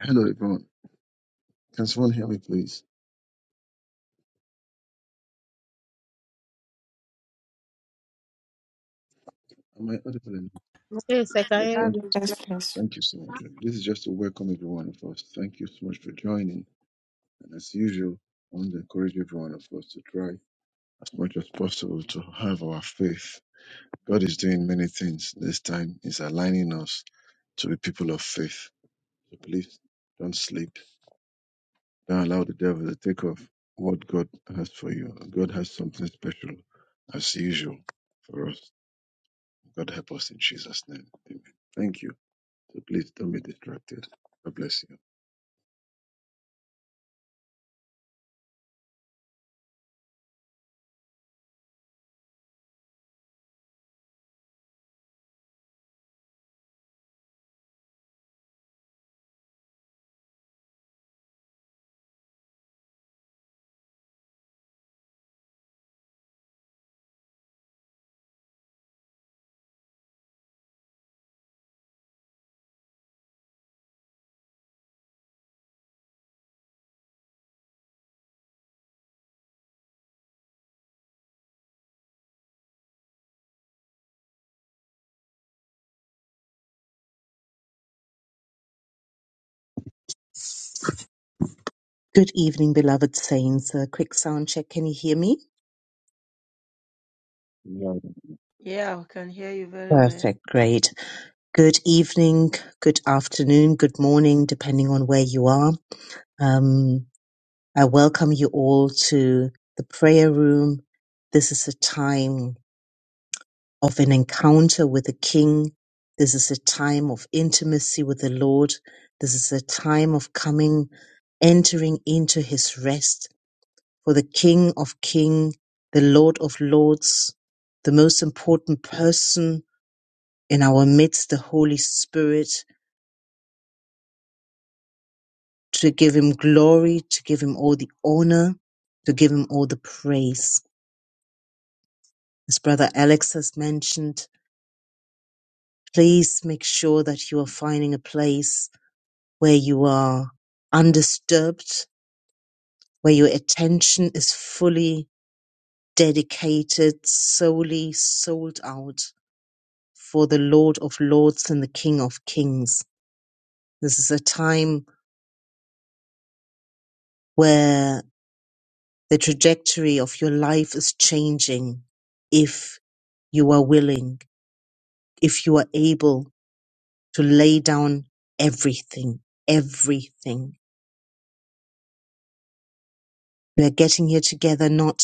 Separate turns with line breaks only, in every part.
Hello, everyone. Can someone hear me, please? Am I audible enough?
Yes, I can
Oh,
hear
God,
Thank,
you.
we bless
Yes, please.
thank you so much. This is just to welcome every one of us. Thank you so much for joining. And as usual, I want to encourage every one of us to try as much as possible to have our faith. God is doing many things. This time is aligning us to be people of faith. So please don't sleep. Don't allow the devil to take off what God has for you. God has something special, as usual, for us. God help us in Jesus' name. Amen. Thank you. So please don't be distracted. God bless you.
Good evening, beloved saints. A quick sound check. Can you hear me?
Amen.
Yeah, I can hear you very well.
Perfect. Great. Good evening, good afternoon, good morning, depending on where you are. Um, I welcome you all to the prayer room. This is a time of an encounter with the King. This is a time of intimacy with the Lord. This is a time of coming, entering into his rest for the King of Kings, the Lord of Lords, the most important person in our midst, the Holy Spirit, to give him glory, to give him all the honor, to give him all the praise. As Brother Alex has mentioned, please make sure that you are finding a place where you are undisturbed, where your attention is fully dedicated, solely sold out for the Lord of Lords and the King of Kings. This is a time where the trajectory of your life is changing if you are willing, if you are able to lay down everything, everything. We are getting here together not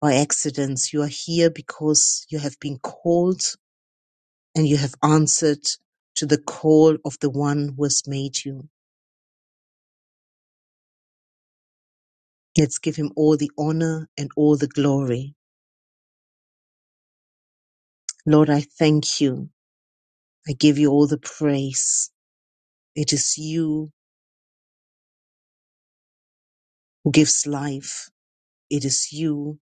by accidents. You are here because you have been called and you have answered to the call of the one who has made you. Let's give him all the honor and all the glory. Lord, I thank you. I give you all the praise. It is you who gives life. It is you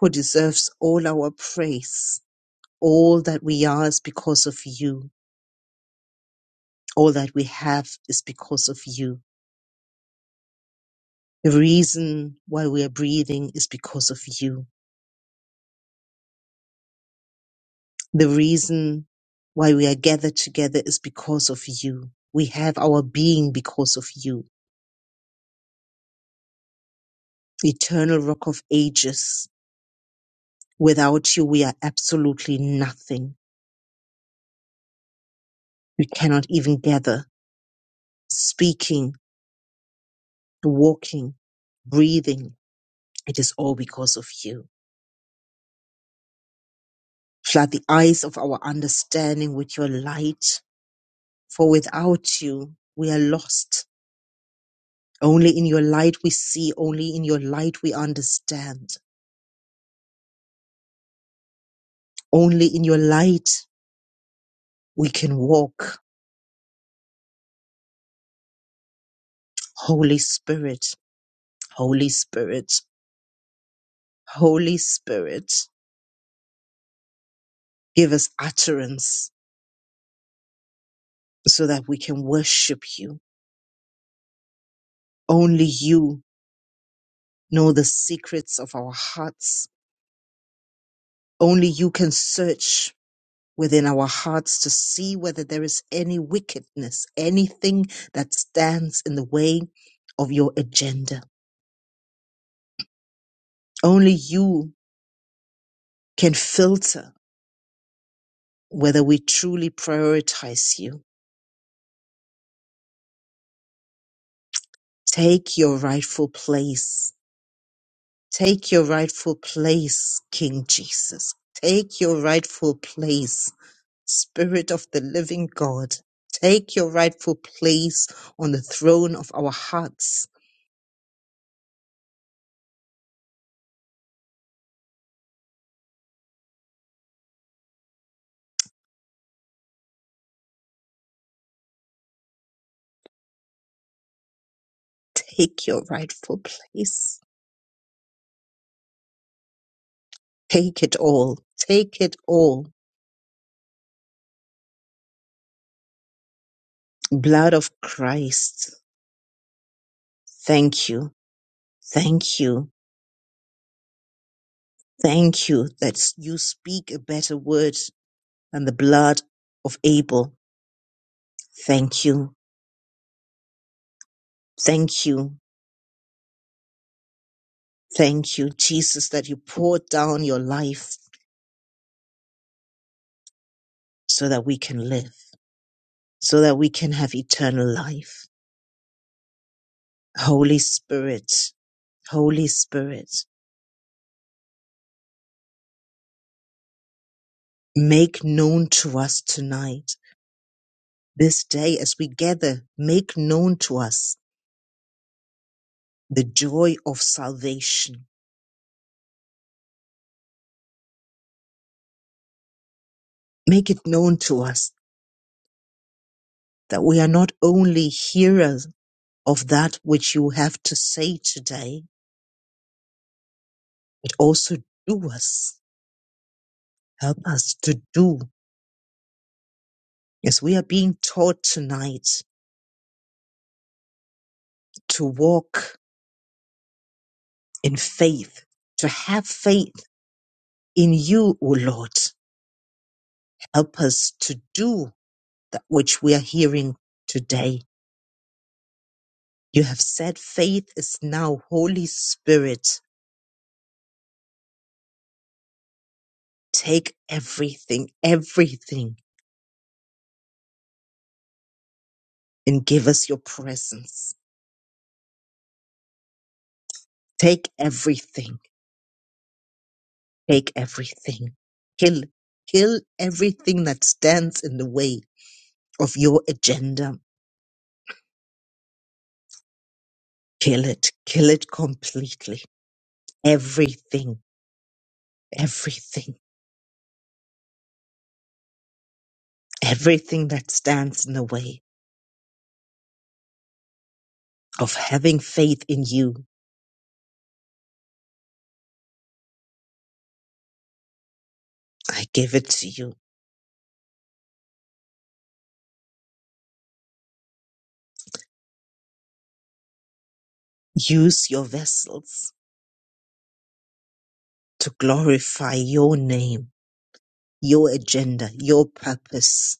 who deserves all our praise. All that we are is because of you. All that we have is because of you. The reason why we are breathing is because of you. The reason why we are gathered together is because of you. We have our being because of you. Eternal rock of ages. Without you, we are absolutely nothing. We cannot even gather, speaking, walking, breathing. It is all because of you. Flood the eyes of our understanding with your light, for without you, we are lost. Only in your light we see, only in your light we understand, only in your light we can walk. Holy Spirit, Holy Spirit, Holy Spirit, give us utterance so that we can worship you. Only you know the secrets of our hearts. Only you can search within our hearts to see whether there is any wickedness, anything that stands in the way of your agenda. Only you can filter whether we truly prioritize you. Take your rightful place. Take your rightful place, King Jesus. Take your rightful place Spirit of the living God, take your rightful place on the throne of our hearts. Take your rightful place. Take it all. Take it all. Blood of Christ, thank you. Thank you. Thank you that you speak a better word than the blood of Abel. Thank you. Thank you. Thank you, Jesus, that you poured down your life so that we can live, so that we can have eternal life. Holy Spirit, Holy Spirit, make known to us tonight, this day as we gather, make known to us the joy of salvation. Make it known to us that we are not only hearers of that which you have to say today, but also doers. Help us to do as we are being taught tonight to walk in faith, to have faith in you, O Lord, Help us to do that which we are hearing today. You have said faith is now Holy Spirit. Take everything, everything, and give us your presence. Take everything, take everything. Kill, kill everything that stands in the way of your agenda. Kill it, kill it completely. Everything, everything, everything that stands in the way of having faith in you I give it to you. Use your vessels to glorify your name, your agenda, your purpose.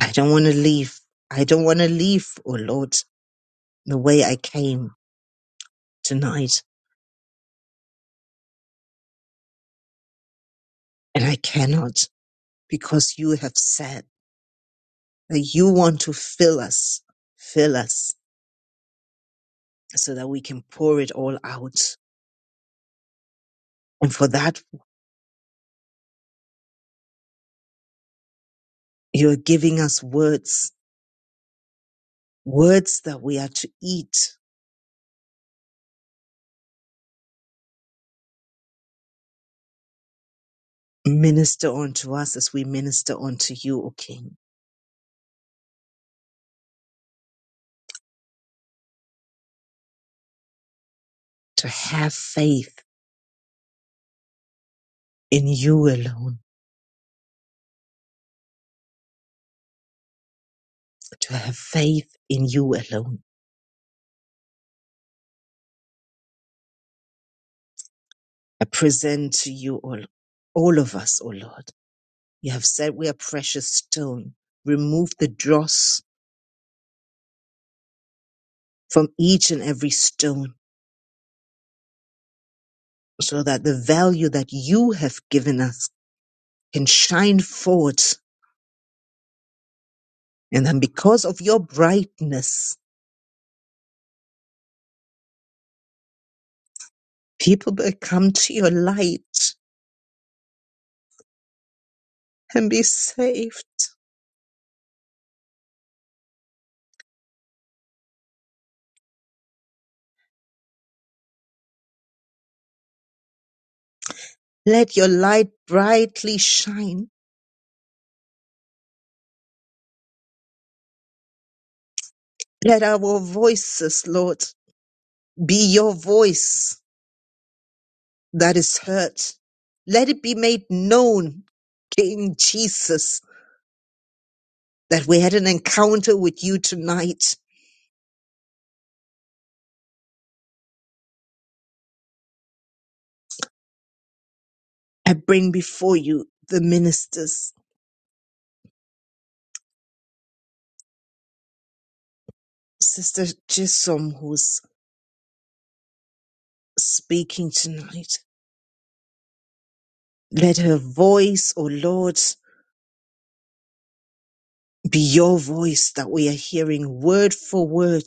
I don't want to leave. I don't want to leave, oh Lord, the way I came tonight. And I cannot because you have said that you want to fill us, fill us so that we can pour it all out. And for that, you're giving us words, words that we are to eat, minister unto us as we minister unto you, O King. to have faith in you alone, to have faith in you alone. I present to you all, all of us, O Lord. You have said we are precious stone. Remove the dross from each and every stone so that the value that you have given us can shine forth. And then because of your brightness, people will come to your light and be saved. Let your light brightly shine Let our voices, Lord, be your voice that is heard. Let it be made known, King Jesus, that we had an encounter with you tonight. I bring before you the ministers, Sister Jisom, who's speaking tonight. Let her voice, O Lord, be your voice that we are hearing word for word.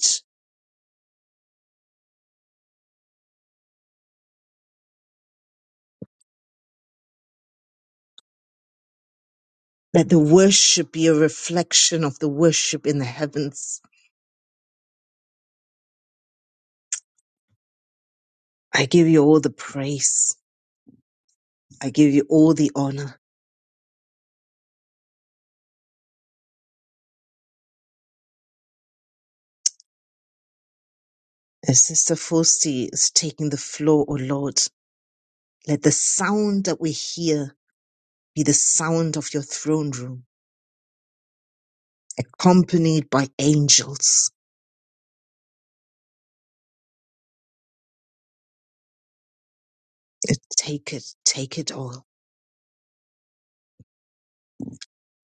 Let the worship be a reflection of the worship in the heavens I give you all the praise. I give you all the honor. As Sister Fosty is taking the floor, O Lord, let the sound that we hear be the sound of your throne room, accompanied by angels. Take it, take it all.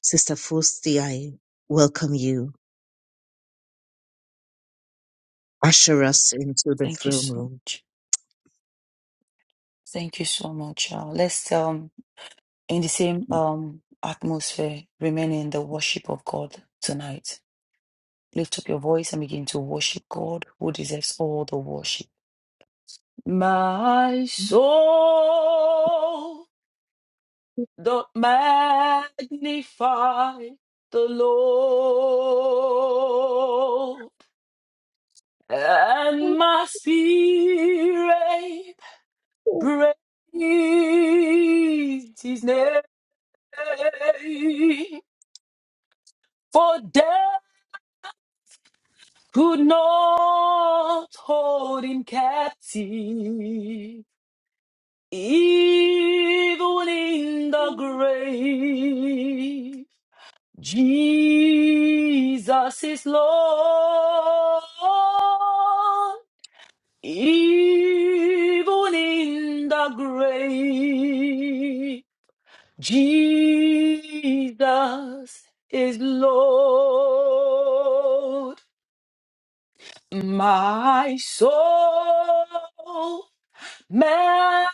Sister Fosty, I welcome you. Usher us into the
Thank you
throne
so
room.
much. Thank you so much. Uh, let's um in the same um atmosphere remain in the worship of God tonight. Lift up your voice and begin to worship God who deserves all the worship. My soul doth magnify the Lord and my spirit Praise his name. For death could not hold him captive, even in the grave. Jesus is Lord, even in the grave. Jesus is Lord. My soul magnify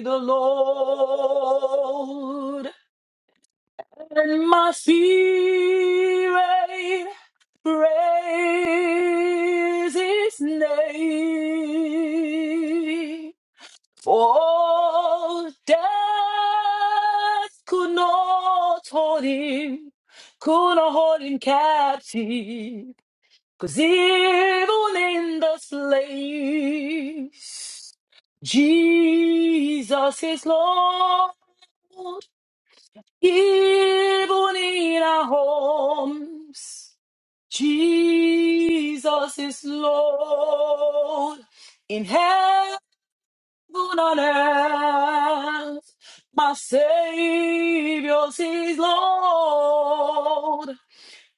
the Lord, and my spirit praise His name. For death could not hold him, could not hold him captive, 'cause even in this place, Jesus is Lord. Even in our homes, Jesus is Lord. In heaven Heaven on earth, my Savior is Lord.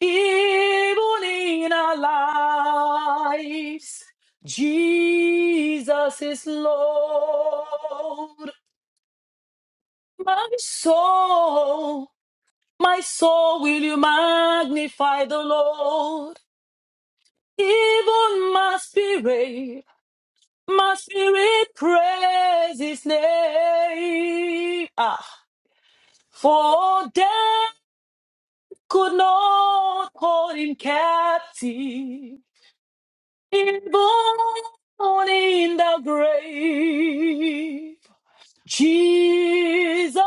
Even in our lives, Jesus is Lord. My soul, my soul, will you magnify the Lord? Even my spirit, my spirit praise His name. Ah. For death could not hold him captive, even in the grave. Jesus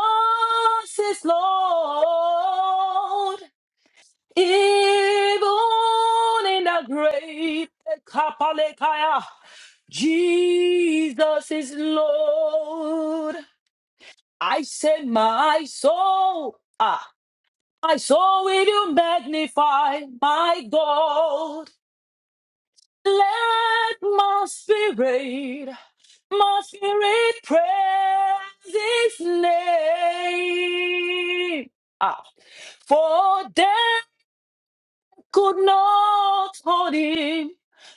is Lord, even in the grave. Kapalekaya. Jesus is Lord. I said, my soul. ah. My soul will you magnify, my God. Let my spirit, my spirit praise his name. Ah, for death could not hold him,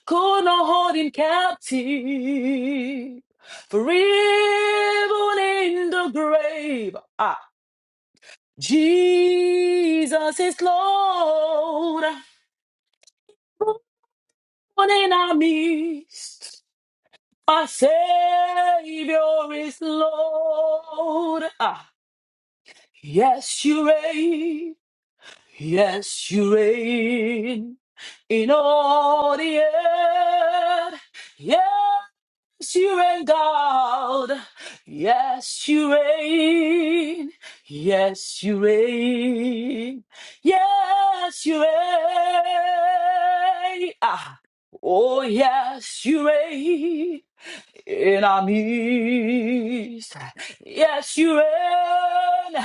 could not hold him captive. For even in the grave, ah, Jesus is Lord. One in our midst, our Savior is Lord. Ah, yes, you reign. Yes, you reign in all the earth. Yes, you reign, God. Yes, you reign. Yes, you reign. Yes, you reign. Ah. Oh, yes, you reign in our midst. Yes, you reign.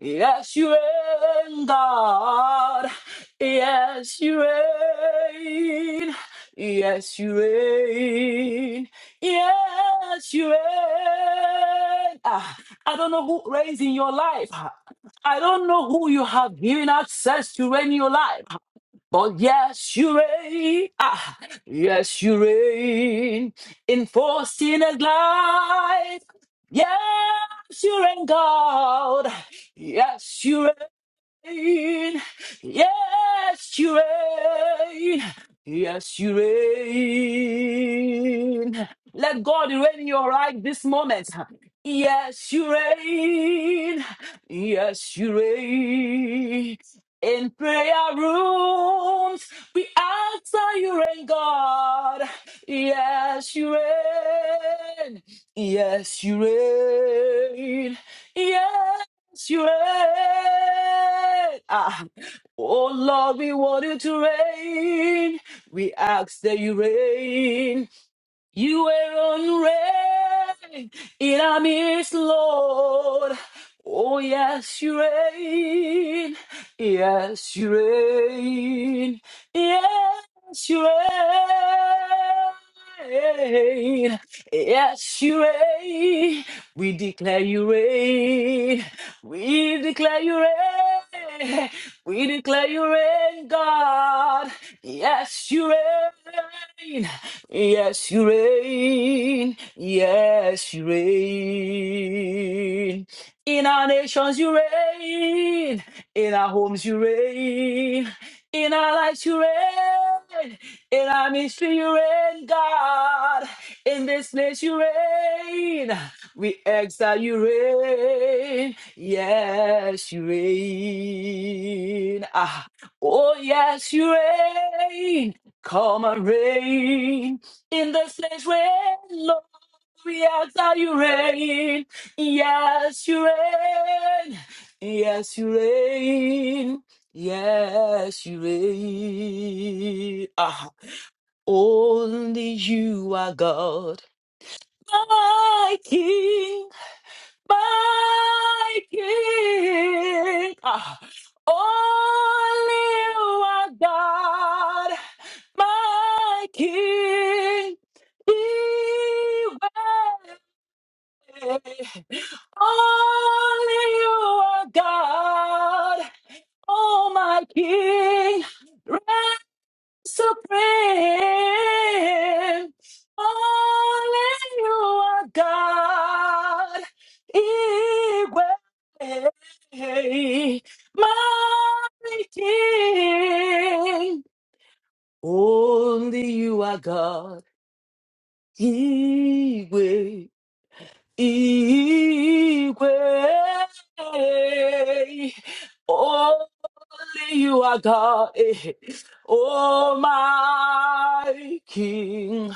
Yes, you reign, God. Yes, you reign. Yes, you reign. Yes, you reign. Ah, I don't know who reigns in your life. I don't know who you have given access to reign in your life. But yes, you reign. Ah, yes, you reign. Enforcing a life. Yes, you reign, God. Yes, you reign reign. Yes, you reign. Yes, you reign. Let God reign in your life this moment. Yes, you reign. Yes, you reign. In prayer rooms, we answer you reign, God. Yes, you reign. Yes, you reign. Yes you reign. Ah. Oh Lord, we want you to reign. We ask that you reign. You alone reign in our midst, Lord. Oh yes, you reign. Yes, you reign. Yes, you reign. Yes, you reign. We declare you reign. We declare you reign. We declare you reign, God. Yes, you reign. Yes, you reign. Yes, you reign. In our nations, you reign. In our homes, you reign. In our lives you reign. In our mystery you reign, God. In this place you reign. We exile you reign. Yes, you reign. Ah. Oh, yes, you reign. Come and reign. In this place reign, Lord. We exile you reign. Yes, you reign. Yes, you reign. Yes, you reign. Ah, only you are God. My King, my King. Ah, only you are God. My King, Yahweh. Only you are God. Oh, my King. supreme. Only you are God. Yahweh, my King. Only you are God. Yahweh. Igwe. Only you are God. eh. Oh, my King,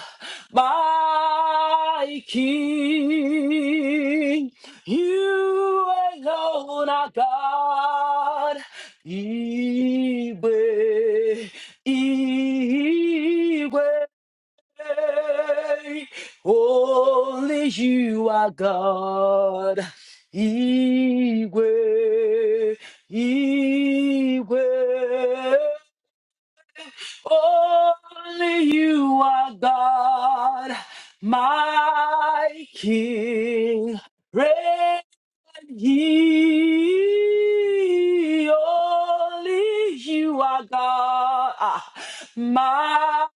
my King. You alone are God. Igwe. Igwe. Hey, Only you are God. Iwe, Iwe. Only you are God, my King. Reign ye only you are God, ah, my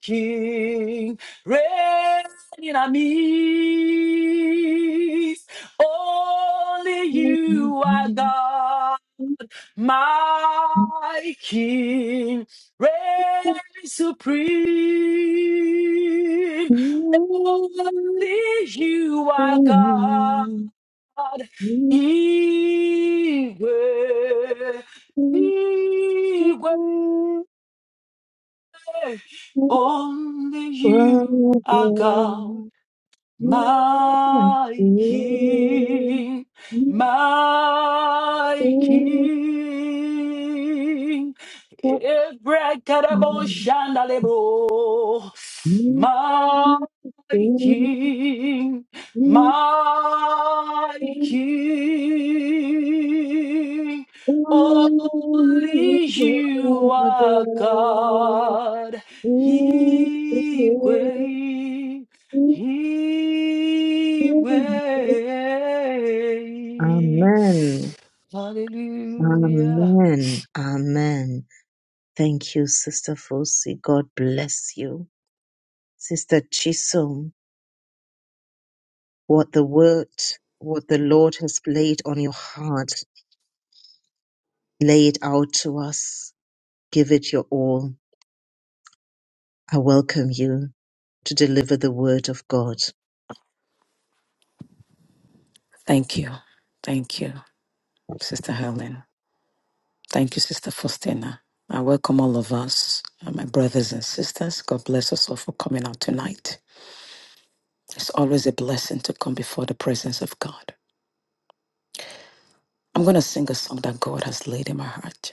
King. Reign in our midst. Only you are God. My King reigns supreme. Only you are God. Igwe, Igwe. Only you are God. My King, my King, Ebrekadabo
Amen.
Shandalebo, my King, my King, only you are God, He he waits. Hallelujah.
Amen. Amen. Thank you, Sister Fosi. God bless you. Sister Chisom, what the word, what the Lord has laid on your heart, lay it out to us. Give it your all. I welcome you. to deliver the word of God.
Thank you. Thank you, Sister Helen. Thank you, Sister Faustina. I welcome all of us, uh, my brothers and sisters. God bless us all for coming out tonight. It's always a blessing to come before the presence of God. I'm going to sing a song that God has laid in my heart.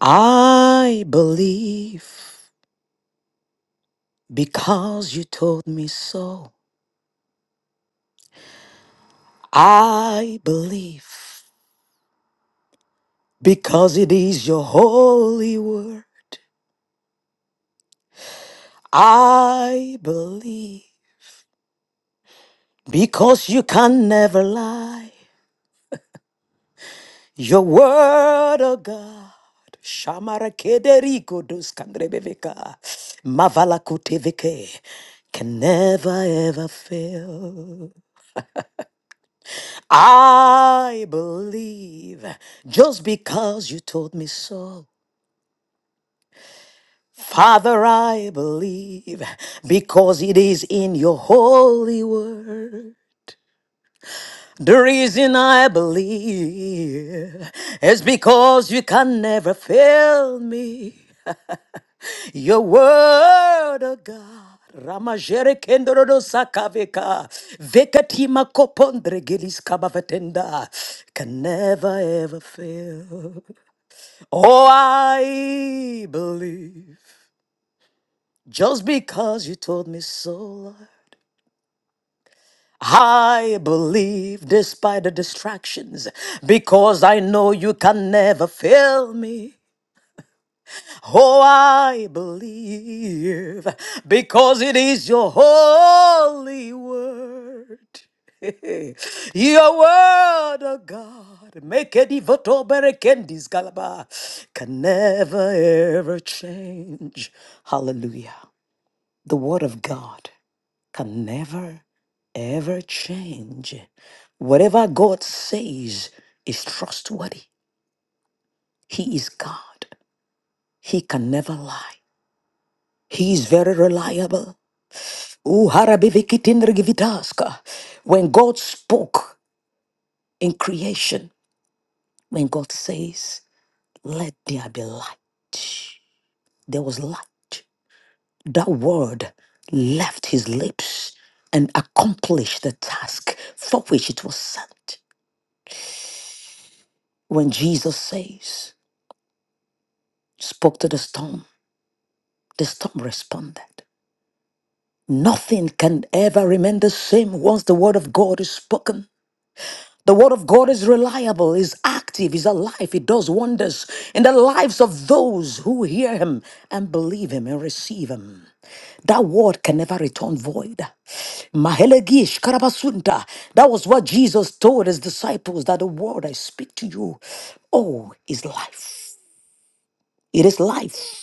I believe because you told me so. I believe because it is your holy word. I believe Because you can never lie. Your word, oh God. Shamara kederiko dos kandrebeveka. Mavala kuteveke. Can never ever fail. I believe just because you told me so. Father, I believe because it is in your holy word. The reason I believe is because you can never fail me. Your word, oh God. Ramajere kendorodo sakaveka. Vekatima kopondre gelis kabavatenda. Can never ever fail. Oh, I believe. Just because you told me so, Lord. I believe despite the distractions, because I know you can never fail me. Oh, I believe because it is your holy word. Your word, oh God, make a devoto berekendis galaba, can never ever change. Hallelujah. The word of God can never, ever change. Whatever God says is trustworthy. He is God. He can never lie. He is very reliable. Uharabivikitindrigivitaska. When God spoke in creation, when God says, Let there be light, there was light. That word left his lips and accomplished the task for which it was sent. When Jesus says, spoke to the storm. The storm responded. Nothing can ever remain the same once the word of God is spoken. The word of God is reliable, is active, is alive. It does wonders in the lives of those who hear him and believe him and receive him. That word can never return void. Mahelegish karabasunta. That was what Jesus told his disciples that the word I speak to you, oh, is life. It is life.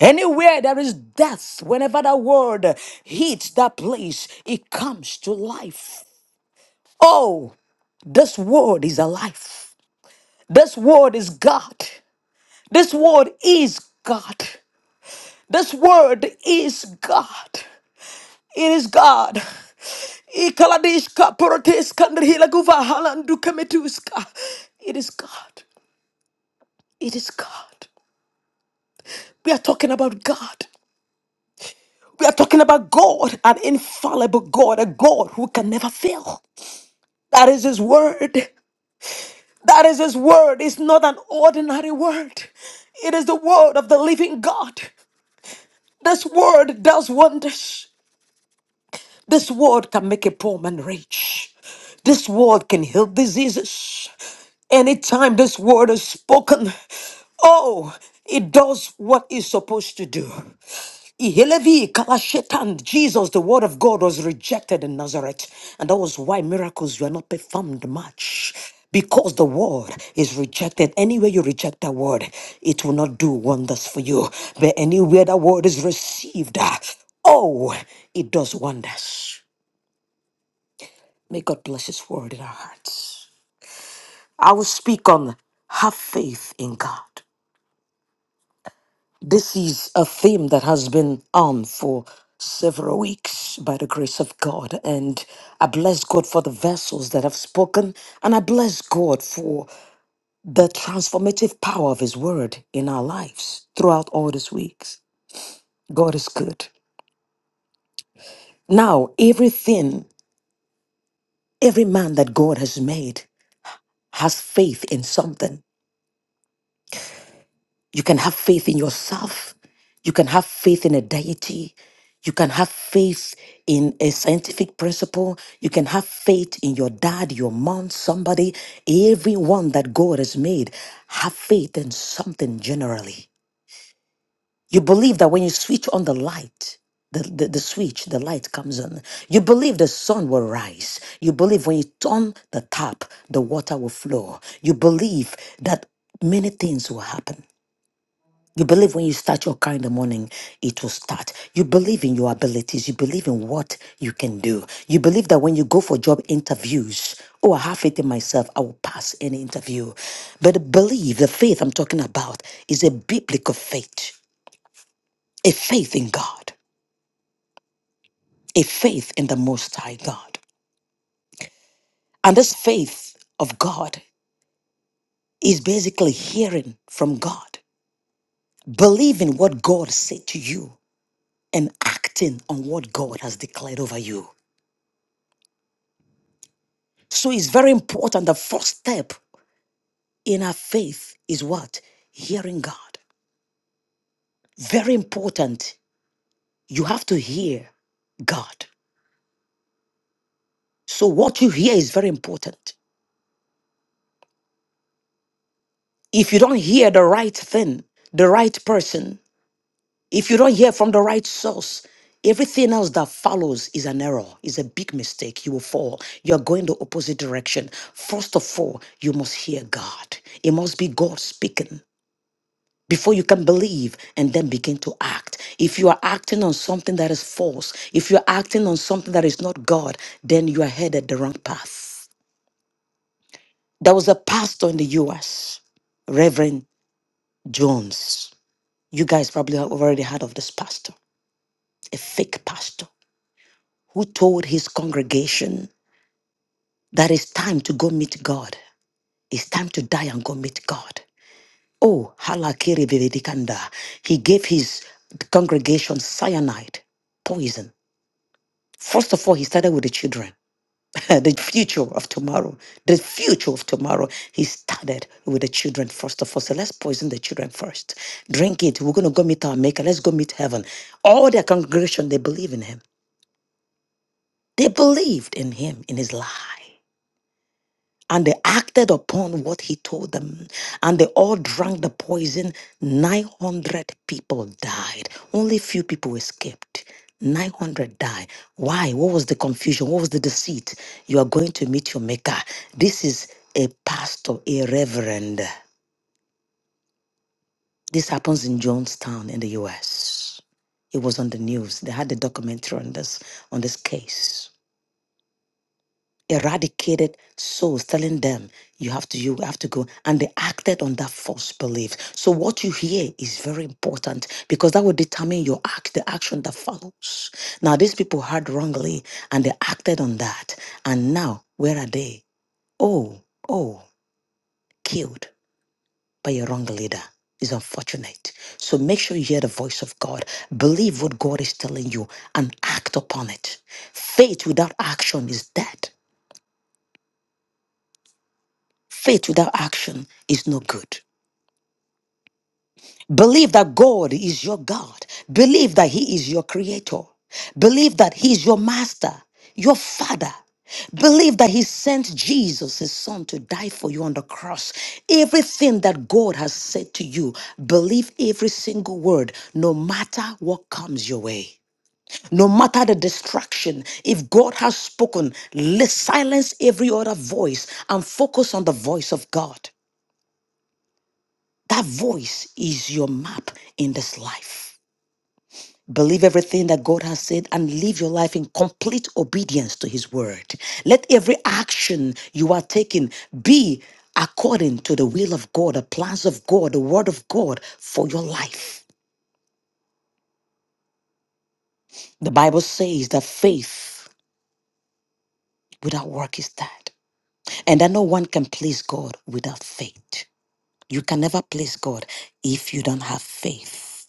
Anywhere there is death, whenever that word hits that place, it comes to life. Oh, this word is alive. This word is God. This word is God. This word is God. It is God. Ikaladishka poroteska ndrihilaguva halandukametuska. It is God. It is God. We are talking about God. We are talking about God, an infallible God, a God who can never fail. That is His word. That is His word. It's not an ordinary word, it is the word of the living God. This word does wonders. This word can make a poor man rich. This word can heal diseases. Anytime this word is spoken, oh, it does what it's supposed to do. Ihelevi kalashetan. Jesus, the word of God, was rejected in Nazareth. And that was why miracles were not performed much. Because the word is rejected. Anywhere you reject that word, it will not do wonders for you. But anywhere that word is received, ah, oh, it does wonders. May God bless his word in our hearts. I will speak on have faith in God. This is a theme that has been on for several weeks by the grace of God. And I bless God for the vessels that have spoken. And I bless God for the transformative power of His word in our lives throughout all these weeks. God is good. Now, everything, every man that God has made has faith in something. You can have faith in yourself. You can have faith in a deity. You can have faith in a scientific principle. You can have faith in your dad, your mom, somebody, everyone that God has made. Have faith in something generally. You believe that when you switch on the light, the, the, the switch, the light comes on. You believe the sun will rise. You believe when you turn the tap, the water will flow. You believe that many things will happen. You believe when you start your car in the morning, it will start. You believe in your abilities. You believe in what you can do. You believe that when you go for job interviews, oh, I have faith in myself, I will pass any interview. But the belief, the faith I'm talking about, is a biblical faith, a faith in God, a faith in the Most High God. And this faith of God is basically hearing from God, believing what God said to you, and acting on what God has declared over you. So it's very important. The first step in our faith is what? Hearing God. Very important. You have to hear God. So what you hear is very important. If you don't hear the right thing, the right person, if you don't hear from the right source, everything else that follows is an error, is a big mistake. You will fall. You're going the opposite direction. First of all, you must hear God. It must be God speaking. before you can believe and then begin to act. If you are acting on something that is false, if you're acting on something that is not God, then you are headed the wrong path. There was a pastor in the US, Reverend Jones. You guys probably have already heard of this pastor, a fake pastor who told his congregation that it's time to go meet God. It's time to die and go meet God. Oh, halakiri vivedikanda. He gave his congregation cyanide poison First of all, he started with the children, the future of tomorrow. The future of tomorrow. He started with the children first of all. So let's poison the children first. Drink it. We're going to go meet our maker. Let's go meet heaven. All their congregation, they believe in him. They believed in him, in his life. And they acted upon what he told them. And they all drank the poison. 900 people died. Only few people escaped. 900 died. Why? What was the confusion? What was the deceit? You are going to meet your maker. This is a pastor, a reverend. This happens in Jonestown in the US. It was on the news. They had a documentary on this on this case. eradicated souls, telling them you have to, you have to go. And they acted on that false belief. So what you hear is very important because that will determine your act, the action that follows. Now these people heard wrongly and they acted on that. And now where are they? Oh, oh, killed by a wrong leader. is unfortunate. So make sure you hear the voice of God. Believe what God is telling you and act upon it. Faith without action is dead. Faith without action is no good. Believe that God is your God. Believe that He is your creator. Believe that He is your master, your father. Believe that He sent Jesus, His Son, to die for you on the cross. Everything that God has said to you, believe every single word, no matter what comes your way. No matter the distraction, if God has spoken, li- silence every other voice and focus on the voice of God. That voice is your map in this life. Believe everything that God has said and live your life in complete obedience to His word. Let every action you are taking be according to the will of God, the plans of God, the word of God for your life. The Bible says that faith without work is dead, and that no one can please God without faith. You can never please God if you don't have faith.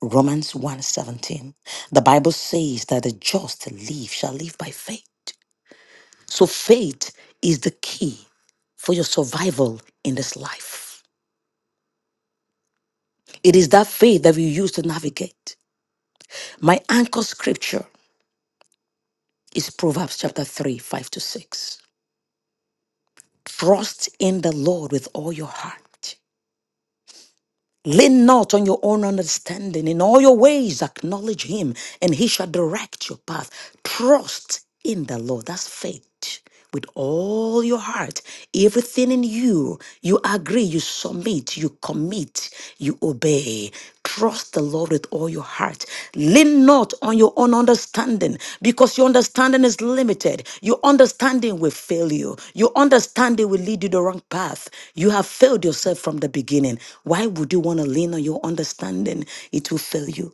Romans one seventeen, The Bible says that the just live shall live by faith. So faith is the key for your survival in this life. It is that faith that we use to navigate. My anchor scripture is Proverbs chapter 3, 5 to 6. Trust in the Lord with all your heart Lean not on your own understanding. In all your ways, acknowledge him, and he shall direct your path. Trust in the Lord. That's faith. With all your heart, everything in you, you agree, you submit, you commit, you obey. Trust the Lord with all your heart. Lean not on your own understanding because your understanding is limited. Your understanding will fail you. Your understanding will lead you the wrong path. You have failed yourself from the beginning. Why would you want to lean on your understanding? It will fail you.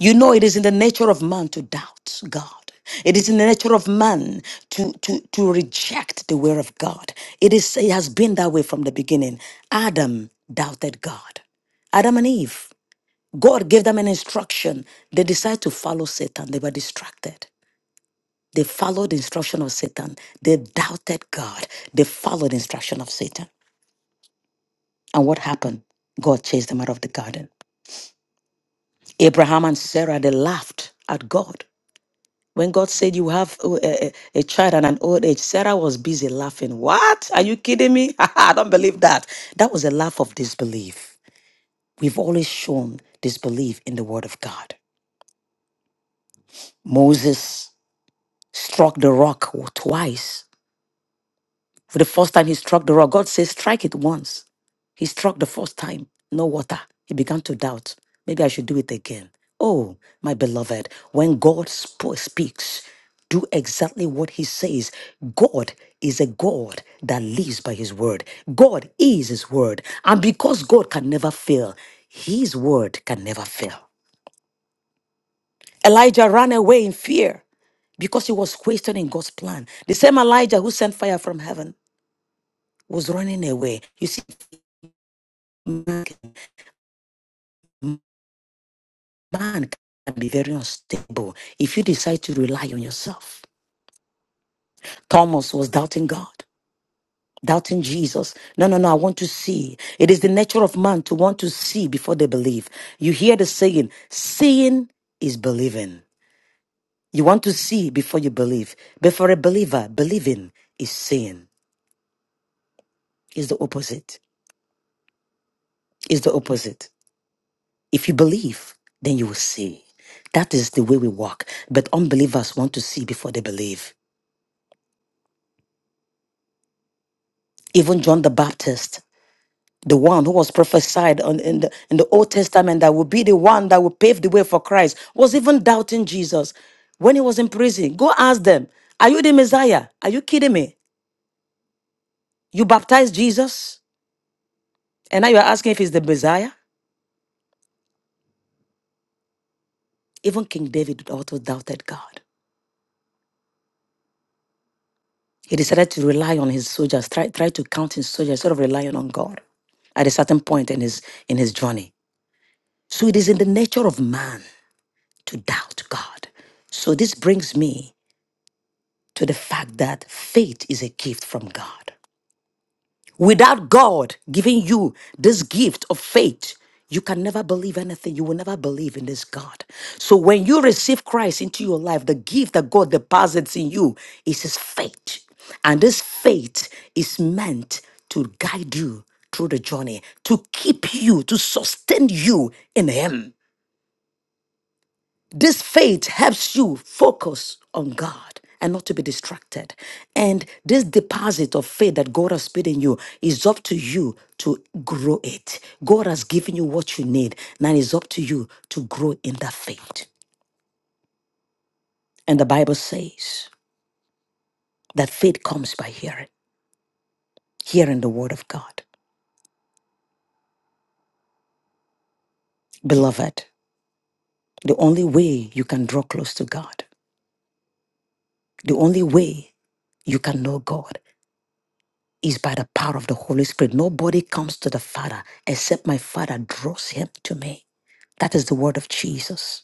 You know, it is in the nature of man to doubt God. It is in the nature of man to, to, to reject the word of God. It is it has been that way from the beginning. Adam doubted God. Adam and Eve. God gave them an instruction. They decided to follow Satan. They were distracted. They followed the instruction of Satan. They doubted God. They followed the instruction of Satan. And what happened? God chased them out of the garden. Abraham and Sarah, they laughed at God. When God said, You have uh, a, a, a child and an old age, Sarah was busy laughing. What? Are you kidding me? I don't believe that. That was a laugh of disbelief. We've always shown disbelief in the word of God. Moses struck the rock twice. For the first time, he struck the rock. God says, strike it once. He struck the first time, no water. He began to doubt. Maybe I should do it again. Oh, my beloved, when God sp- speaks, do exactly what he says. God is a God that lives by his word. God is his word. And because God can never fail, his word can never fail. Elijah ran away in fear because he was questioning God's plan. The same Elijah who sent fire from heaven was running away. You see, man can man can be very unstable if you decide to rely on yourself. Thomas was doubting God, doubting Jesus. No, no, no, I want to see. It is the nature of man to want to see before they believe. You hear the saying, seeing is believing. You want to see before you believe. But for a believer, believing is seeing, is the opposite. is the opposite. If you believe, then you will see. That is the way we walk. But unbelievers want to see before they believe. Even John the Baptist, the one who was prophesied on, in, the, in the Old Testament that would be the one that would pave the way for Christ, was even doubting Jesus when he was in prison. Go ask them, Are you the Messiah? Are you kidding me? You baptized Jesus, and now you're asking if he's the Messiah? Even King David also doubted God. He decided to rely on his soldiers, try, try to count his soldiers instead of relying on God at a certain point in his in his journey. So it is in the nature of man to doubt God. So this brings me to the fact that faith is a gift from God. Without God giving you this gift of faith, you can never believe anything. You will never believe in this God. So when you receive Christ into your life, the gift that God deposits in you is his faith. And this faith is meant to guide you through the journey, to keep you, to sustain you in him. This faith helps you focus on God and not to be distracted. And this deposit of faith that God has put in you is up to you to grow it. God has given you what you need. Now it's up to you to grow in that faith. And the Bible says that faith comes by hearing, hearing the word of God. Beloved, the only way you can draw close to God, the only way you can know God is by the power of the Holy Spirit. Nobody comes to the Father except my Father draws him to me. That is the word of Jesus.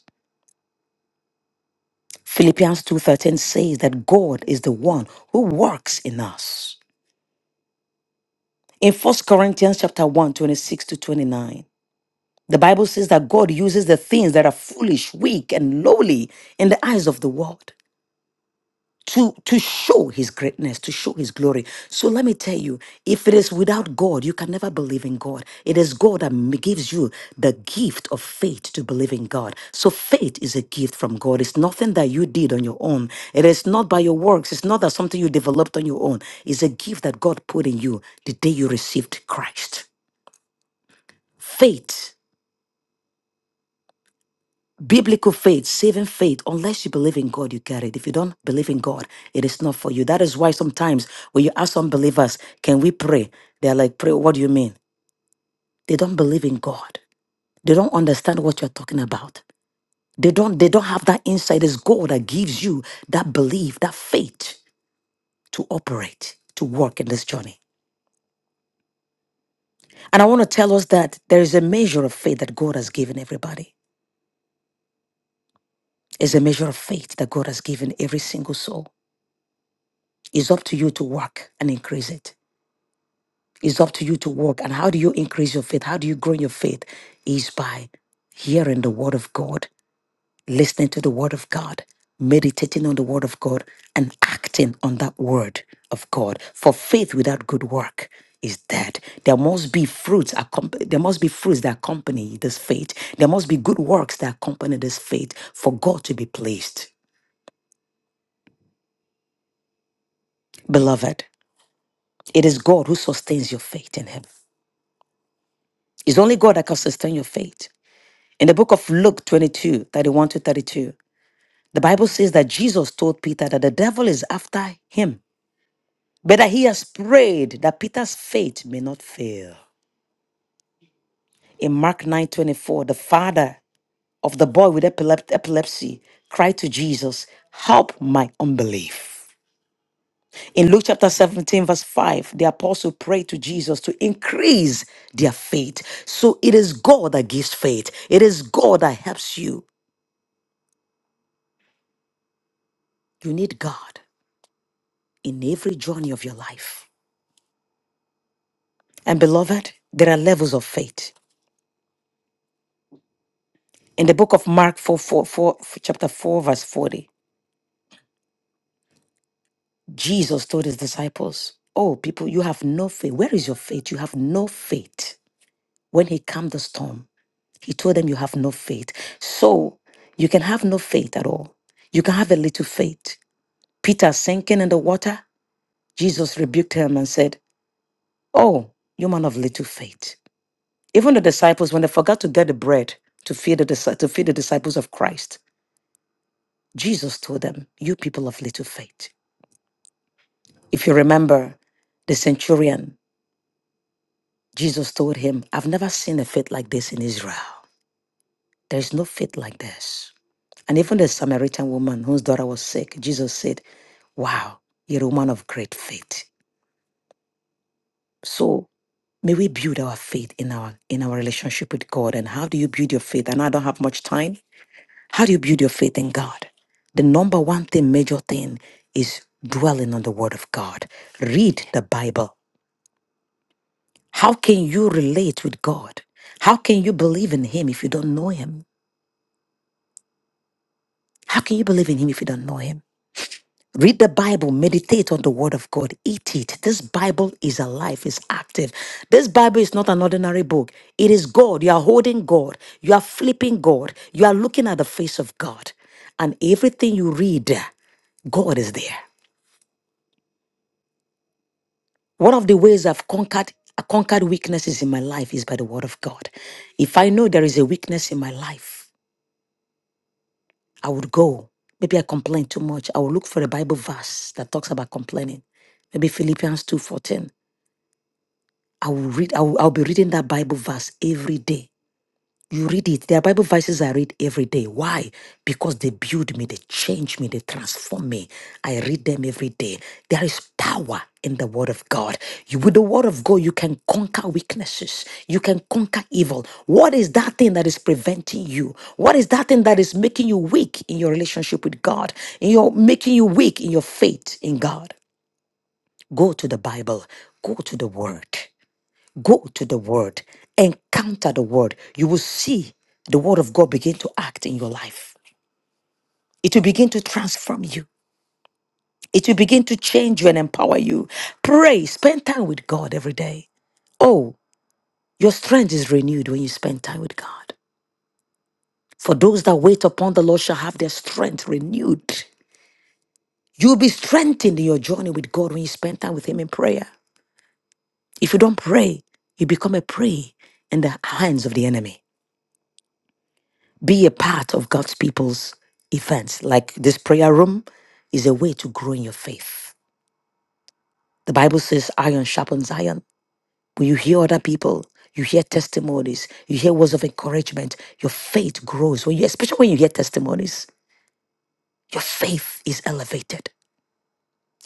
Philippians 2:13 says that God is the one who works in us. In First Corinthians chapter one 26 to 29, the Bible says that God uses the things that are foolish, weak, and lowly in the eyes of the world to to show his greatness to show his glory so let me tell you if it is without god you can never believe in god it is god that m- gives you the gift of faith to believe in god so faith is a gift from god it's nothing that you did on your own it is not by your works it's not that something you developed on your own it's a gift that god put in you the day you received christ faith Biblical faith, saving faith, unless you believe in God, you get it. If you don't believe in God, it is not for you. That is why sometimes when you ask unbelievers, can we pray? They're like, pray, what do you mean? They don't believe in God. They don't understand what you're talking about. They don't, they don't have that insight. It's God that gives you that belief, that faith to operate, to work in this journey. And I want to tell us that there is a measure of faith that God has given everybody. It's a measure of faith that God has given every single soul. It's up to you to work and increase it. It's up to you to work. And how do you increase your faith? How do you grow in your faith? Is by hearing the word of God, listening to the word of God, meditating on the word of God, and acting on that word of God. For faith without good work is dead. There must be fruits. accomp- There must be fruits that accompany this faith. There must be good works that accompany this faith for God to be pleased. Beloved, it is God who sustains your faith in Him. It's only God that can sustain your faith. In the book of Luke 22, 31 to 32, the Bible says that Jesus told Peter that the devil is after him, but that he has prayed that Peter's faith may not fail. In Mark 9 24, the father of the boy with epilep- epilepsy cried to Jesus, Help my unbelief. In Luke chapter 17, verse 5, the apostle prayed to Jesus to increase their faith. So it is God that gives faith, it is God that helps you. You need God. in every journey of your life. And beloved, there are levels of faith. In the book of Mark 4, 4, four, chapter 4, verse 40, Jesus told his disciples, Oh, people, you have no faith. Where is your faith? You have no faith. When he calmed the storm, he told them, You have no faith. So you can have no faith at all. You can have a little faith. Peter sinking in the water, Jesus rebuked him and said, Oh, you man of little faith. Even the disciples, when they forgot to get the bread to feed the, disci- to feed the disciples of Christ, Jesus told them, You people of little faith. If you remember the centurion, Jesus told him, I've never seen a faith like this in Israel. There is no faith like this. And even the Samaritan woman whose daughter was sick, Jesus said, Wow, you're a woman of great faith. So may we build our faith in our in our relationship with God. And how do you build your faith? And I know I don't have much time, How do you build your faith in God? The number one thing, major thing, is dwelling on the Word of God. Read the Bible. How can you relate with God? How can you believe in Him if you don't know Him? How can you believe in Him if you don't know Him? Read the Bible, meditate on the Word of God, eat it. This Bible is alive, it's active. This Bible is not an ordinary book. It is God. You are holding God, you are flipping God, you are looking at the face of God. And everything you read, God is there. One of the ways I've conquered I conquered weaknesses in my life is by the word of God. If I know there is a weakness in my life, I would go. Maybe I complain too much. I will look for a Bible verse that talks about complaining. Maybe Philippians 2:14. I will read, I will, I'll be reading that Bible verse every day You read it. There are Bible verses I read every day. Why? Because they build me, they change me, they transform me. I read them every day. There is power in the Word of God. You, with the Word of God, you can conquer weaknesses, you can conquer evil. What is that thing that is preventing you? What is that thing that is making you weak in your relationship with God, in your making you weak in your faith in God? Go to the Bible, go to the Word. Go to the word, encounter the word. You will see the word of God begin to act in your life. It will begin to transform you. It will begin to change you and empower you. Pray, spend time with God every day. Oh, your strength is renewed when you spend time with God. For those that wait upon the Lord shall have their strength renewed. You'll be strengthened in your journey with God when you spend time with Him in prayer. If you don't pray, you become a prey in the hands of the enemy. be a part of God's people's events. Like this prayer room is a way to grow in your faith. The Bible says, iron sharpens iron. When you hear other people, you hear testimonies, you hear words of encouragement, your faith grows. When you, especially when you hear testimonies, your faith is elevated.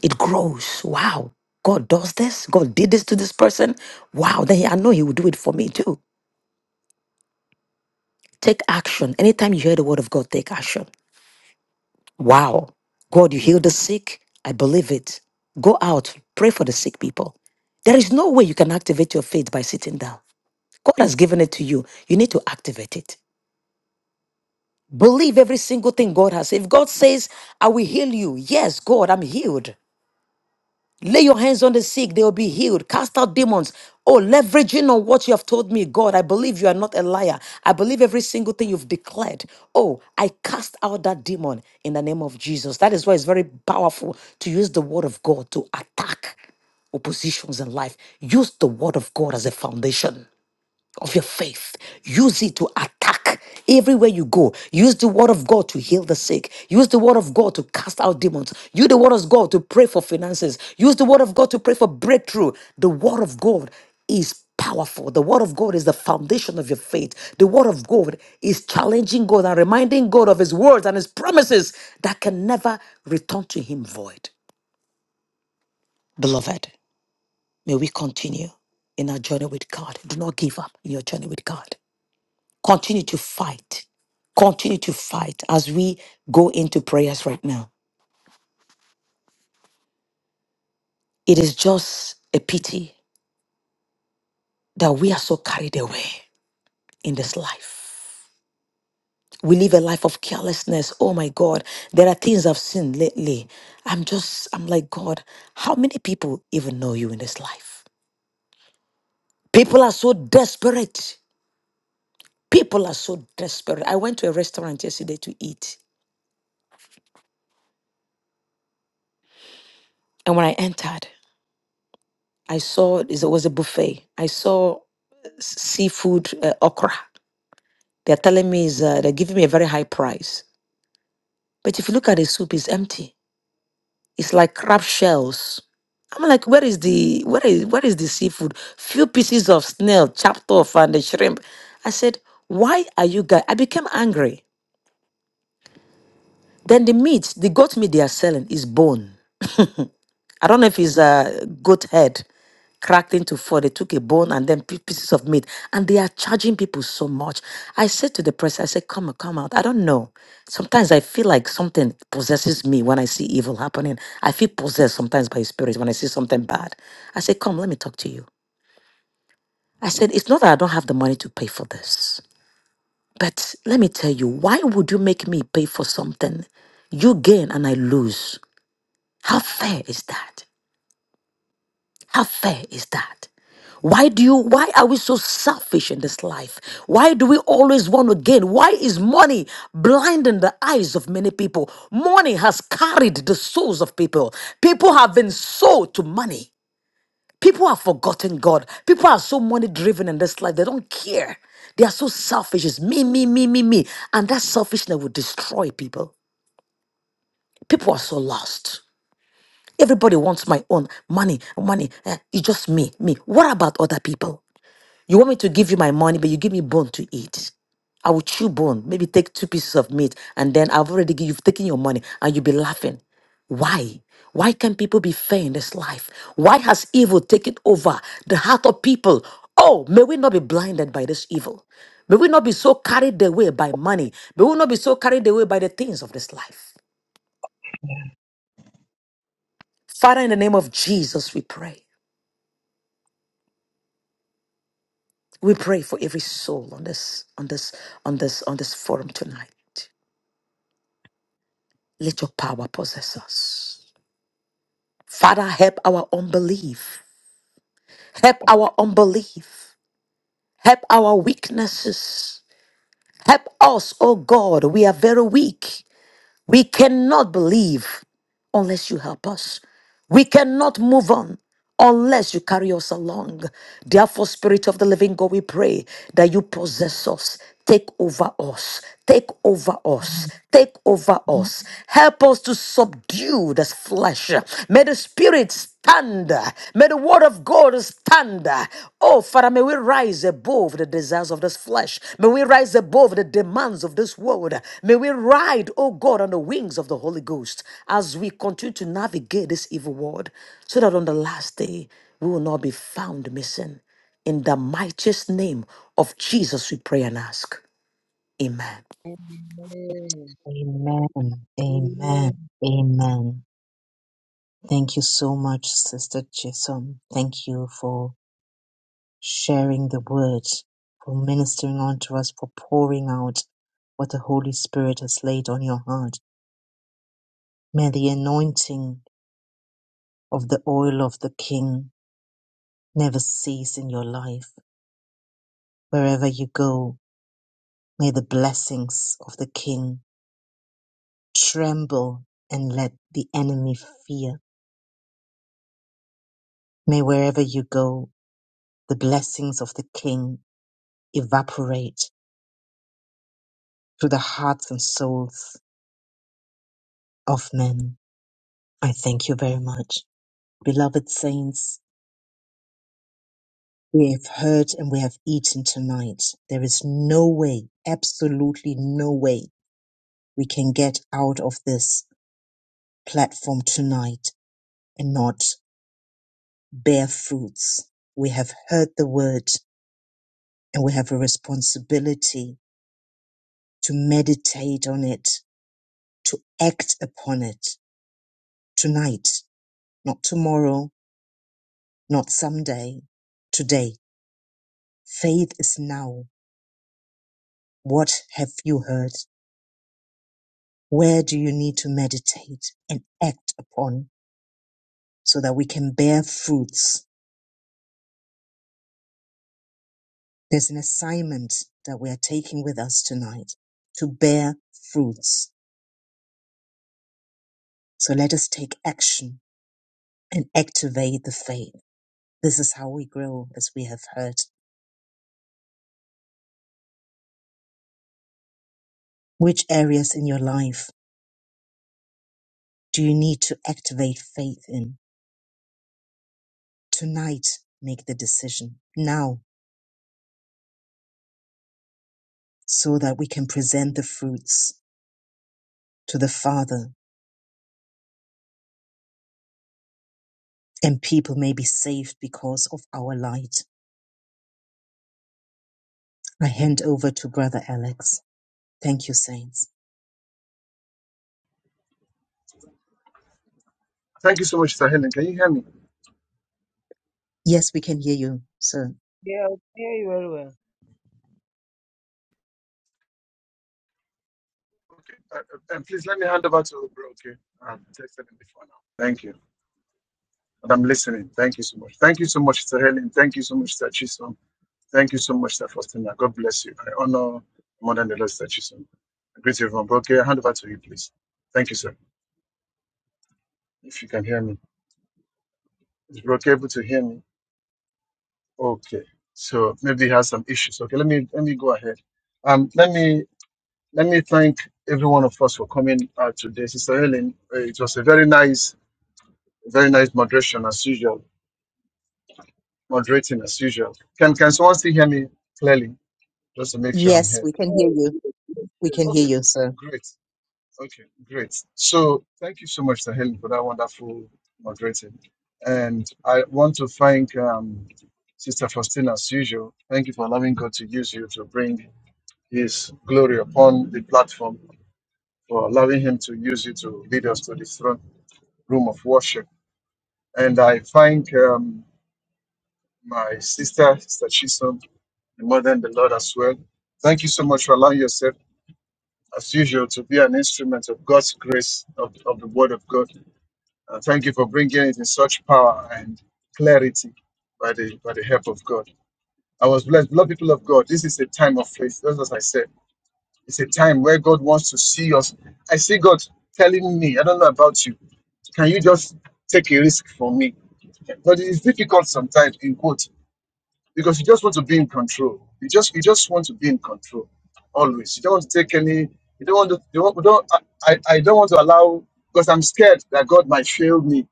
It grows. Wow. God does this. God did this to this person. Wow. Then I know He will do it for me too. Take action. Anytime you hear the word of God, take action Wow. God, you heal the sick. I believe it. Go out, pray for the sick people. There is no way you can activate your faith by sitting down. God has given it to you. You need to activate it. Believe every single thing God has. If God says, I will heal you, yes, God, I'm healed. Lay your hands on the sick, they will be healed. Cast out demons. Oh, leveraging on what you have told me, God, I believe you are not a liar. I believe every single thing you've declared. Oh, I cast out that demon in the name of Jesus. That is why it's very powerful to use the word of God to attack oppositions in life. Use the word of God as a foundation of your faith. Use it to attack everywhere you go. Use the word of God to heal the sick. Use the word of God to cast out demons. Use the word of God to pray for finances. Use the word of God to pray for breakthrough. The word of God is powerful. The word of God is the foundation of your faith. The word of God is challenging God and reminding God of his words and his promises that can never return to him void. Beloved, may we continue in our journey with God. Do not give up in your journey with God. Continue to fight. Continue to fight as we go into prayers right now. It is just a pity that we are so carried away in this life. We live a life of carelessness. Oh my God, there are things I've seen lately. I'm just, I'm like, God, how many people even know you in this life? People are so desperate. People are so desperate. I went to a restaurant yesterday to eat. And when I entered, I saw it was a buffet. I saw seafood uh, okra. They're telling me is uh, they're giving me a very high price. But if you look at the soup, it's empty. It's like crab shells. I'm like, where is the where is where is the seafood? Few pieces of snail chopped off and the shrimp. I said, why are you guys? I became angry. Then the meat, the goat meat they are selling is bone. I don't know if it's a goat head cracked into four. They took a bone and then pi- pieces of meat, and they are charging people so much. I said to the press, I said, "Come, come out." I don't know. Sometimes I feel like something possesses me when I see evil happening. I feel possessed sometimes by spirits when I see something bad. I said, "Come, let me talk to you." I said, "It's not that I don't have the money to pay for this, but let me tell you, why would you make me pay for something you gain and I lose? How fair is that?" How fair is that? Why do you why are we so selfish in this life? Why do we always want to gain? Why is money blinding the eyes of many people? Money has carried the souls of people. People have been sold to money. People have forgotten God. People are so money driven in this life. They don't care. They are so selfish. It's me, me, me, me, me. And that selfishness will destroy people. People are so lost. Everybody wants my own money, money. eh, It's just me, me. What about other people? You want me to give you my money, but you give me bone to eat. I will chew bone, maybe take two pieces of meat, and then I've already given you've taken your money and you'll be laughing. Why? Why can people be fair in this life? Why has evil taken over the heart of people? Oh, may we not be blinded by this evil. May we not be so carried away by money. May we not be so carried away by the things of this life. Father, in the name of Jesus, we pray. We pray for every soul on this, on this, on this, on this forum tonight. Let your power possess us. Father, help our unbelief. Help our unbelief. Help our weaknesses. Help us, oh God. We are very weak. We cannot believe unless you help us. We cannot move on unless you carry us along. Therefore, Spirit of the Living God, we pray that you possess us. Take over us. Take over us. Take over us. Help us to subdue this flesh. May the Spirit stand. May the Word of God panda. Oh, Father, may we rise above the desires of this flesh. May we rise above the demands of this world. May we ride, oh God, on the wings of the Holy Ghost as we continue to navigate this evil world so that on the last day we will not be found missing. In the mightiest name of Jesus, we pray and ask. Amen.
Amen.
Yeah.
Amen. Amen. Thank you so much, Sister Chisholm. Thank you for sharing the word, for ministering unto us, for pouring out what the Holy Spirit has laid on your heart. May the anointing of the oil of the King never cease in your life. Wherever you go, may the blessings of the King tremble and let the enemy fear. May wherever you go, the blessings of the King evaporate through the hearts and souls of men. I thank you very much. Beloved saints, we have heard and we have eaten tonight. There is no way, absolutely no way we can get out of this platform tonight and not bear fruits. We have heard the word and we have a responsibility to meditate on it, to act upon it tonight, not tomorrow, not someday, today. Faith is now. What have you heard? Where do you need to meditate and act upon so that we can bear fruits? There's an assignment that we are taking with us tonight to bear fruits. So let us take action and activate the faith. This is how we grow, as we have heard. Which areas in your life do you need to activate faith in? Tonight, make the decision now so that we can present the fruits to the Father and people may be saved because of our light. I hand over to Brother Alex. Thank you, Saints.
Thank you so much, Sister Helen. Can you hear me?
Yes, we can hear you, sir.
Okay. Uh, uh, and please let me hand over to Bro. Okay. I've texted him before now. Thank you. And I'm listening. Thank you so much. Thank you so much, Sister Helen. Thank you so much, Sister Chisholm. Thank you so much, Sister Faustina. God bless you. I honor more than the Lord, Sister Chisholm. I greet you, everyone. Bro, okay. I hand over to you, please. Thank you, sir. If you can hear me. Is Bro okay able to hear me? Okay, so maybe he has some issues. Okay, let me let me go ahead. Um, let me let me thank every one of us for coming out today, Sister Helen. uh, It was a very nice, very nice moderation as usual, moderating as usual. Can can someone still hear me clearly? Just to make sure I'm
Yes,
heard.
we can hear you.
Yes,
We can hear
Okay,
yes.
you, sir.
great. Okay, great. So thank you so much, Sister Helen, for that wonderful moderating. And I want to thank um, Sister Faustina as usual. Thank you for allowing God to use you to bring his glory upon the platform for allowing him to use you to lead us to this throne room of worship. And I thank um, my sister, Sister Chisholm, the mother and the Lord as well. Thank you so much for allowing yourself, as usual, to be an instrument of God's grace, of, of the Word of God. And thank you for bringing it in such power and clarity by the, by the help of God. I was blessed. Beloved people of God, this is a time of faith, just as I said. It's a time where God wants to see us. I see God telling me, I don't know about you, can you just take a risk for me? But it's difficult sometimes in quote because you just want to be in control. You just you just want to be in control always. You don't want to take any. You don't want to. You don't. you don't I, I I don't want to allow because I'm scared that God might fail me.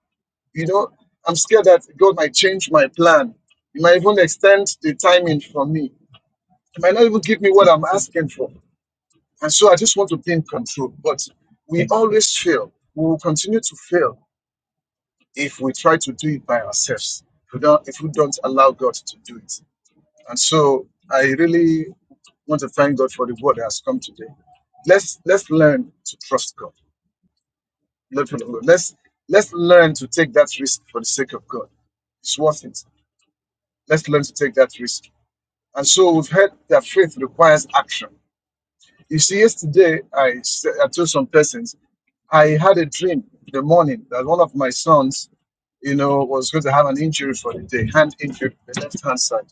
You know, I'm scared that God might change my plan. He might even extend the timing for me. He might not even give me what I'm asking for. And so I just want to think control. But we always fail. We will continue to fail if we try to do it by ourselves. If we don't, if we don't allow God to do it. And so I really want to thank God for the word that has come today. Let's let's learn to trust God. Let's let's let's learn to take that risk for the sake of God. It's worth it. Let's learn to take that risk. And so we've heard that faith requires action. You see, yesterday I, s- I told some persons I had a dream in the morning that one of my sons, you know, was going to have an injury for the day, hand injury, the left hand side.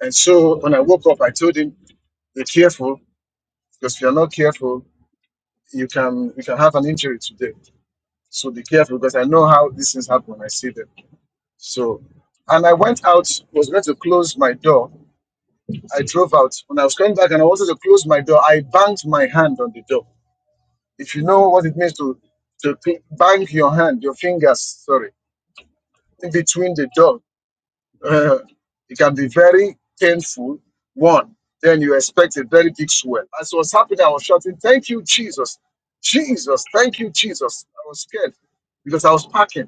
And so when I woke up, I told him, "Be careful, because if you're not careful, you can you can have an injury today. So be careful, because I know how these things happen when I see them." So, and I went out, was going to close my door. I drove out. When I was coming back and I wanted to close my door, I banged my hand on the door If you know what it means to to pi- bang your hand, your fingers, sorry, in between the dog, uh, it can be very painful. One, then you expect a very big swell. As it was happening, I was shouting, "Thank you, Jesus! Jesus! Thank you, Jesus!" I was scared because I was packing.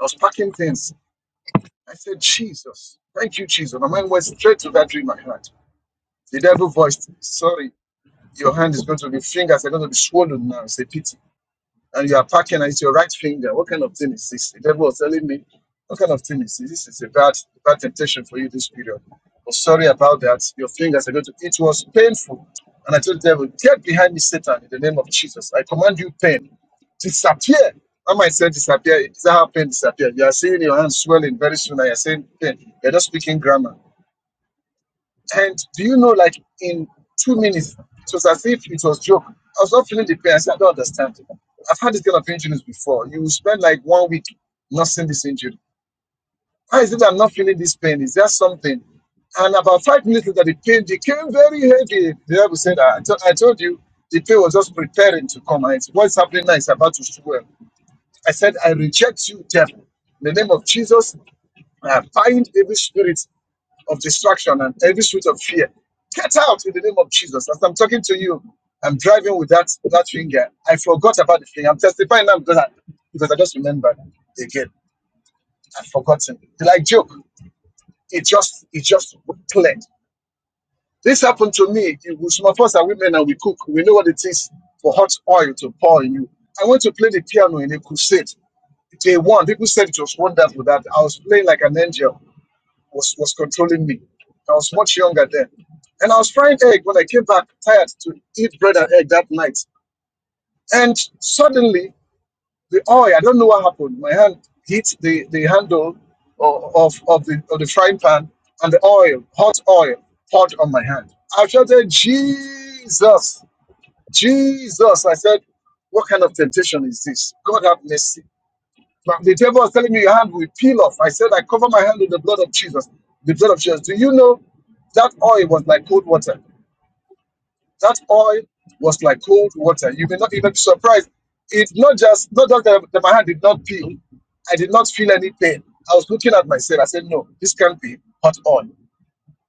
I was packing things. I said, "Jesus! Thank you, Jesus!" My mind went straight to that dream I had. The devil voiced, "Sorry, your hand is going to be fingers are going to be swollen now. It's a pity." and you are packing and it's your right finger. What kind of thing is this? The devil was telling me, what kind of thing is this? This is a bad, bad temptation for you this period. Oh, sorry about that. Your fingers are going to, it was painful. And I told the devil, get behind me, Satan, in the name of Jesus. I command you pain. Disappear. I might say disappear. Is that how pain disappears? You are seeing your hands swelling very soon and you're saying pain. You're not speaking grammar. And do you know, like in two minutes, it was as if it was joke. I was not feeling the pain. I said, I don't understand. I've had this kind of injuries before. You spend like one week not seeing this injury. Why is it I'm not feeling this pain? Is there something? And about five minutes later, the pain became very heavy. The devil said, I, t- I told you, the pain was just preparing to come. And it's, what's happening now is about to swell. I said, I reject you, devil. In the name of Jesus, I bind every spirit of distraction and every spirit of fear. Get out in the name of Jesus. As I'm talking to you, I'm driving with that that finger. I forgot about the finger. I'm testifying now because I, because I just remembered again. I've forgotten. Like joke, it just it just cleared. This happened to me. You- we- Some of us are women and we cook. We know what it is for hot oil to pour in you. I went to play the piano in a crusade. Day one, people said it was wonderful that I was playing like an angel was, was controlling me. I was much younger then. And I was frying egg when I came back tired to eat bread and egg that night. And suddenly, the oil, I don't know what happened. My hand hit the, the handle o- of, of, the, of the frying pan, and the oil, hot oil, poured on my hand. I shouted, Jesus, Jesus. I said, What kind of temptation is this? God have mercy. But the devil was telling me your hand will peel off. I said, I cover my hand with the blood of Jesus. The blood of Jesus. Do you know that oil was like cold water? That oil was like cold water. You may not even be surprised. It's not just not just that, that my hand did not peel. I did not feel any pain. I was looking at myself. I said, No, this can't be hot oil.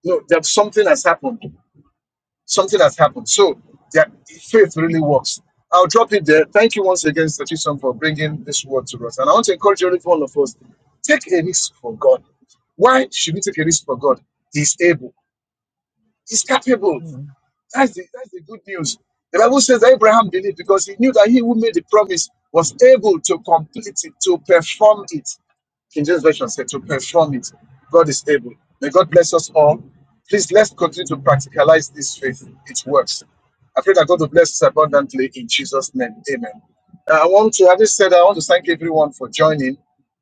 No, there's something has happened. Something has happened. So that faith really works. I'll drop it there. Thank you once again, Statuson, for bringing this word to us. And I want to encourage every one of us take a risk for God. Why should we take a risk for God? He's able, He's capable.
Mm.
That's the, that's the good news. The Bible says that Abraham believed because he knew that he who made the promise was able to complete it, to perform it. King James Version said to perform it. God is able. May God bless us all. Please let's continue to practicalize this faith. It works. I pray that God will bless us abundantly in Jesus' name. Amen. Uh, I want to, having said, that, I want to thank everyone for joining.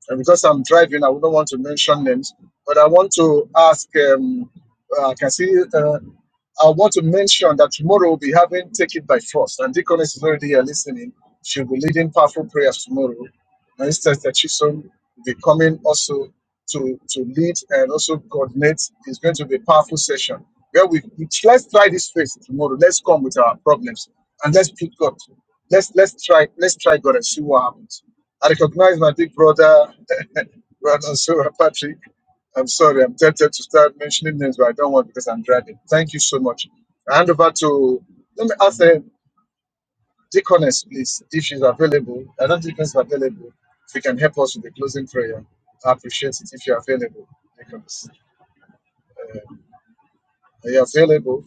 And because I'm driving, I don't want to mention names, but I want to ask. Um, uh, I can see. uh, I want to mention that tomorrow we'll be having Take It By Force, and Deaconess is already here listening. She'll be leading powerful prayers tomorrow. And Sister Chisom will be coming also to, to lead and also coordinate. It's going to be a powerful session where we let's try this faith tomorrow. Let's come with our problems and let's put God. Let's let's try let's try God and see what happens. I recognize my big brother, Brother Sura Patrick. I'm sorry, I'm tempted to start mentioning names, but I don't want because I'm driving. Thank you so much. I hand over to, let me ask the deaconess, please, if she's available. I don't think she's available. If you can help us with the closing prayer, I appreciate it if you're available. Deaconess, are you available?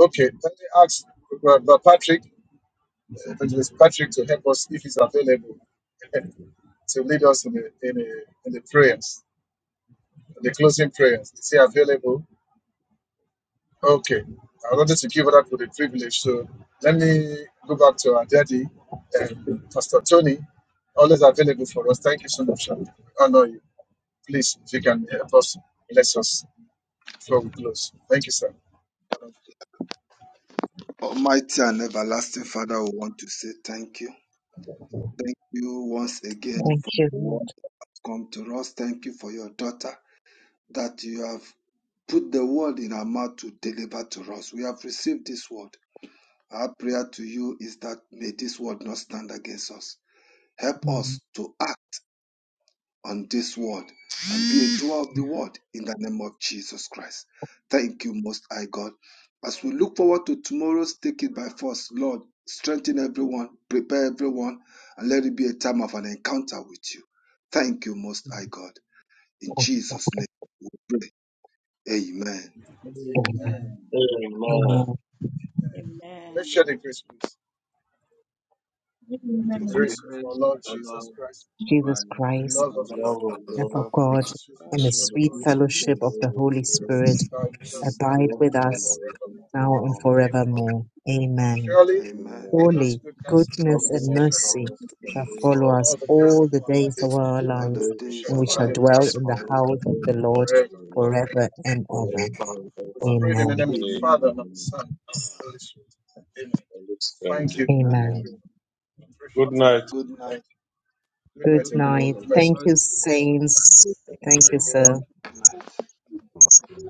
Okay, let me ask Brother Patrick, uh, Evangelist Patrick, to help us if he's available, to lead us in the, in the, in the prayers, the closing prayers. Is he available? Okay, I wanted to give that for the privilege. So let me go back to our daddy, um, Pastor Tony, always available for us. Thank you so much, sir. We Honor you. Please, if you can help us, bless us before we close. Thank you, sir. Honor
Almighty and everlasting Father, we want to say thank you. Thank you once again
Thank
for
you,
the word
Lord.
that has come to us. Thank you for your daughter that you have put the word in our mouth to deliver to us. We have received this word. Our prayer to you is that may this word not stand against us. Help us to act. on this word and be a doer of the word in the name of Jesus Christ. Thank you, Most High God. As we look forward to tomorrow's Take It By Force, Lord, strengthen everyone, prepare everyone, and let it be a time of an encounter with you. Thank you, Most High God. In Jesus' name we pray. Amen.
you.
Mm.
Amen.
Amen.
Amen.
Amen.
Amen. Let's share
Amen.
the grace, please. In the
The
May the
grace
grace of our
grace
Lord
of
of
our
Jesus
Lord
Christ,
What
Jesus
Christ,
the
Christ,
love
the
of
The
God,
love of
and for
God
What
God,
the
is
sweet
and the
fellowship
Lord
and
of the
the
sweet
Jesus,
Holy
Jesus of
Spirit,
fellowship
the
be
of the
Holy
Holy
rest of
Spirit
Spirit
our with
with
us
the
abide
Lord.
rest
with
now
and
and
abide
us
with us
forevermore.
now and
now
both
and
Amen.
forever.
forevermore. Amen.
the
Surely.
Amen.
Amen.
God's
Surely,
goodness
God
and
goodness and
mercy
bless
shall
and
follow
mercy
mercy
shall
upon
us
follow
us
us
all the days
all
of
the
our
days of
lives,
our
all
All
the
the
lives,
and
days
we shall
days
of
and
our
of
we
dwell
our
shall
in
lives,
the
dwell
house
lives.
of
in
the
the
and
And we
Lord
we shall
house
be
of
in
the
the
Lord
house
forever.
of
and
the
forever
ever.
and ever.
Lord forever and
We
ever.
pray in the
Amen.
name of the
Amen.
Father and of the
Amen.
Son and of the Holy Spirit. Amen.
And it's prayer.
Thank you,
Amen.
Amen.
Amen.
Amen.
everyone. I appreciate
Good
Have a
night.
Good
it.
night.
Thank you. Good
Good
night,
Good night,
everyone.
night.
Good night.
Thank
everyone.
you, saints.
Good
Thank you,
night,
human
everyone.
sir.
Good night.
and human?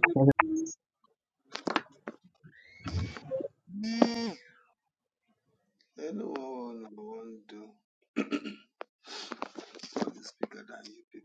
Anyone who want to do for the speaker that you people.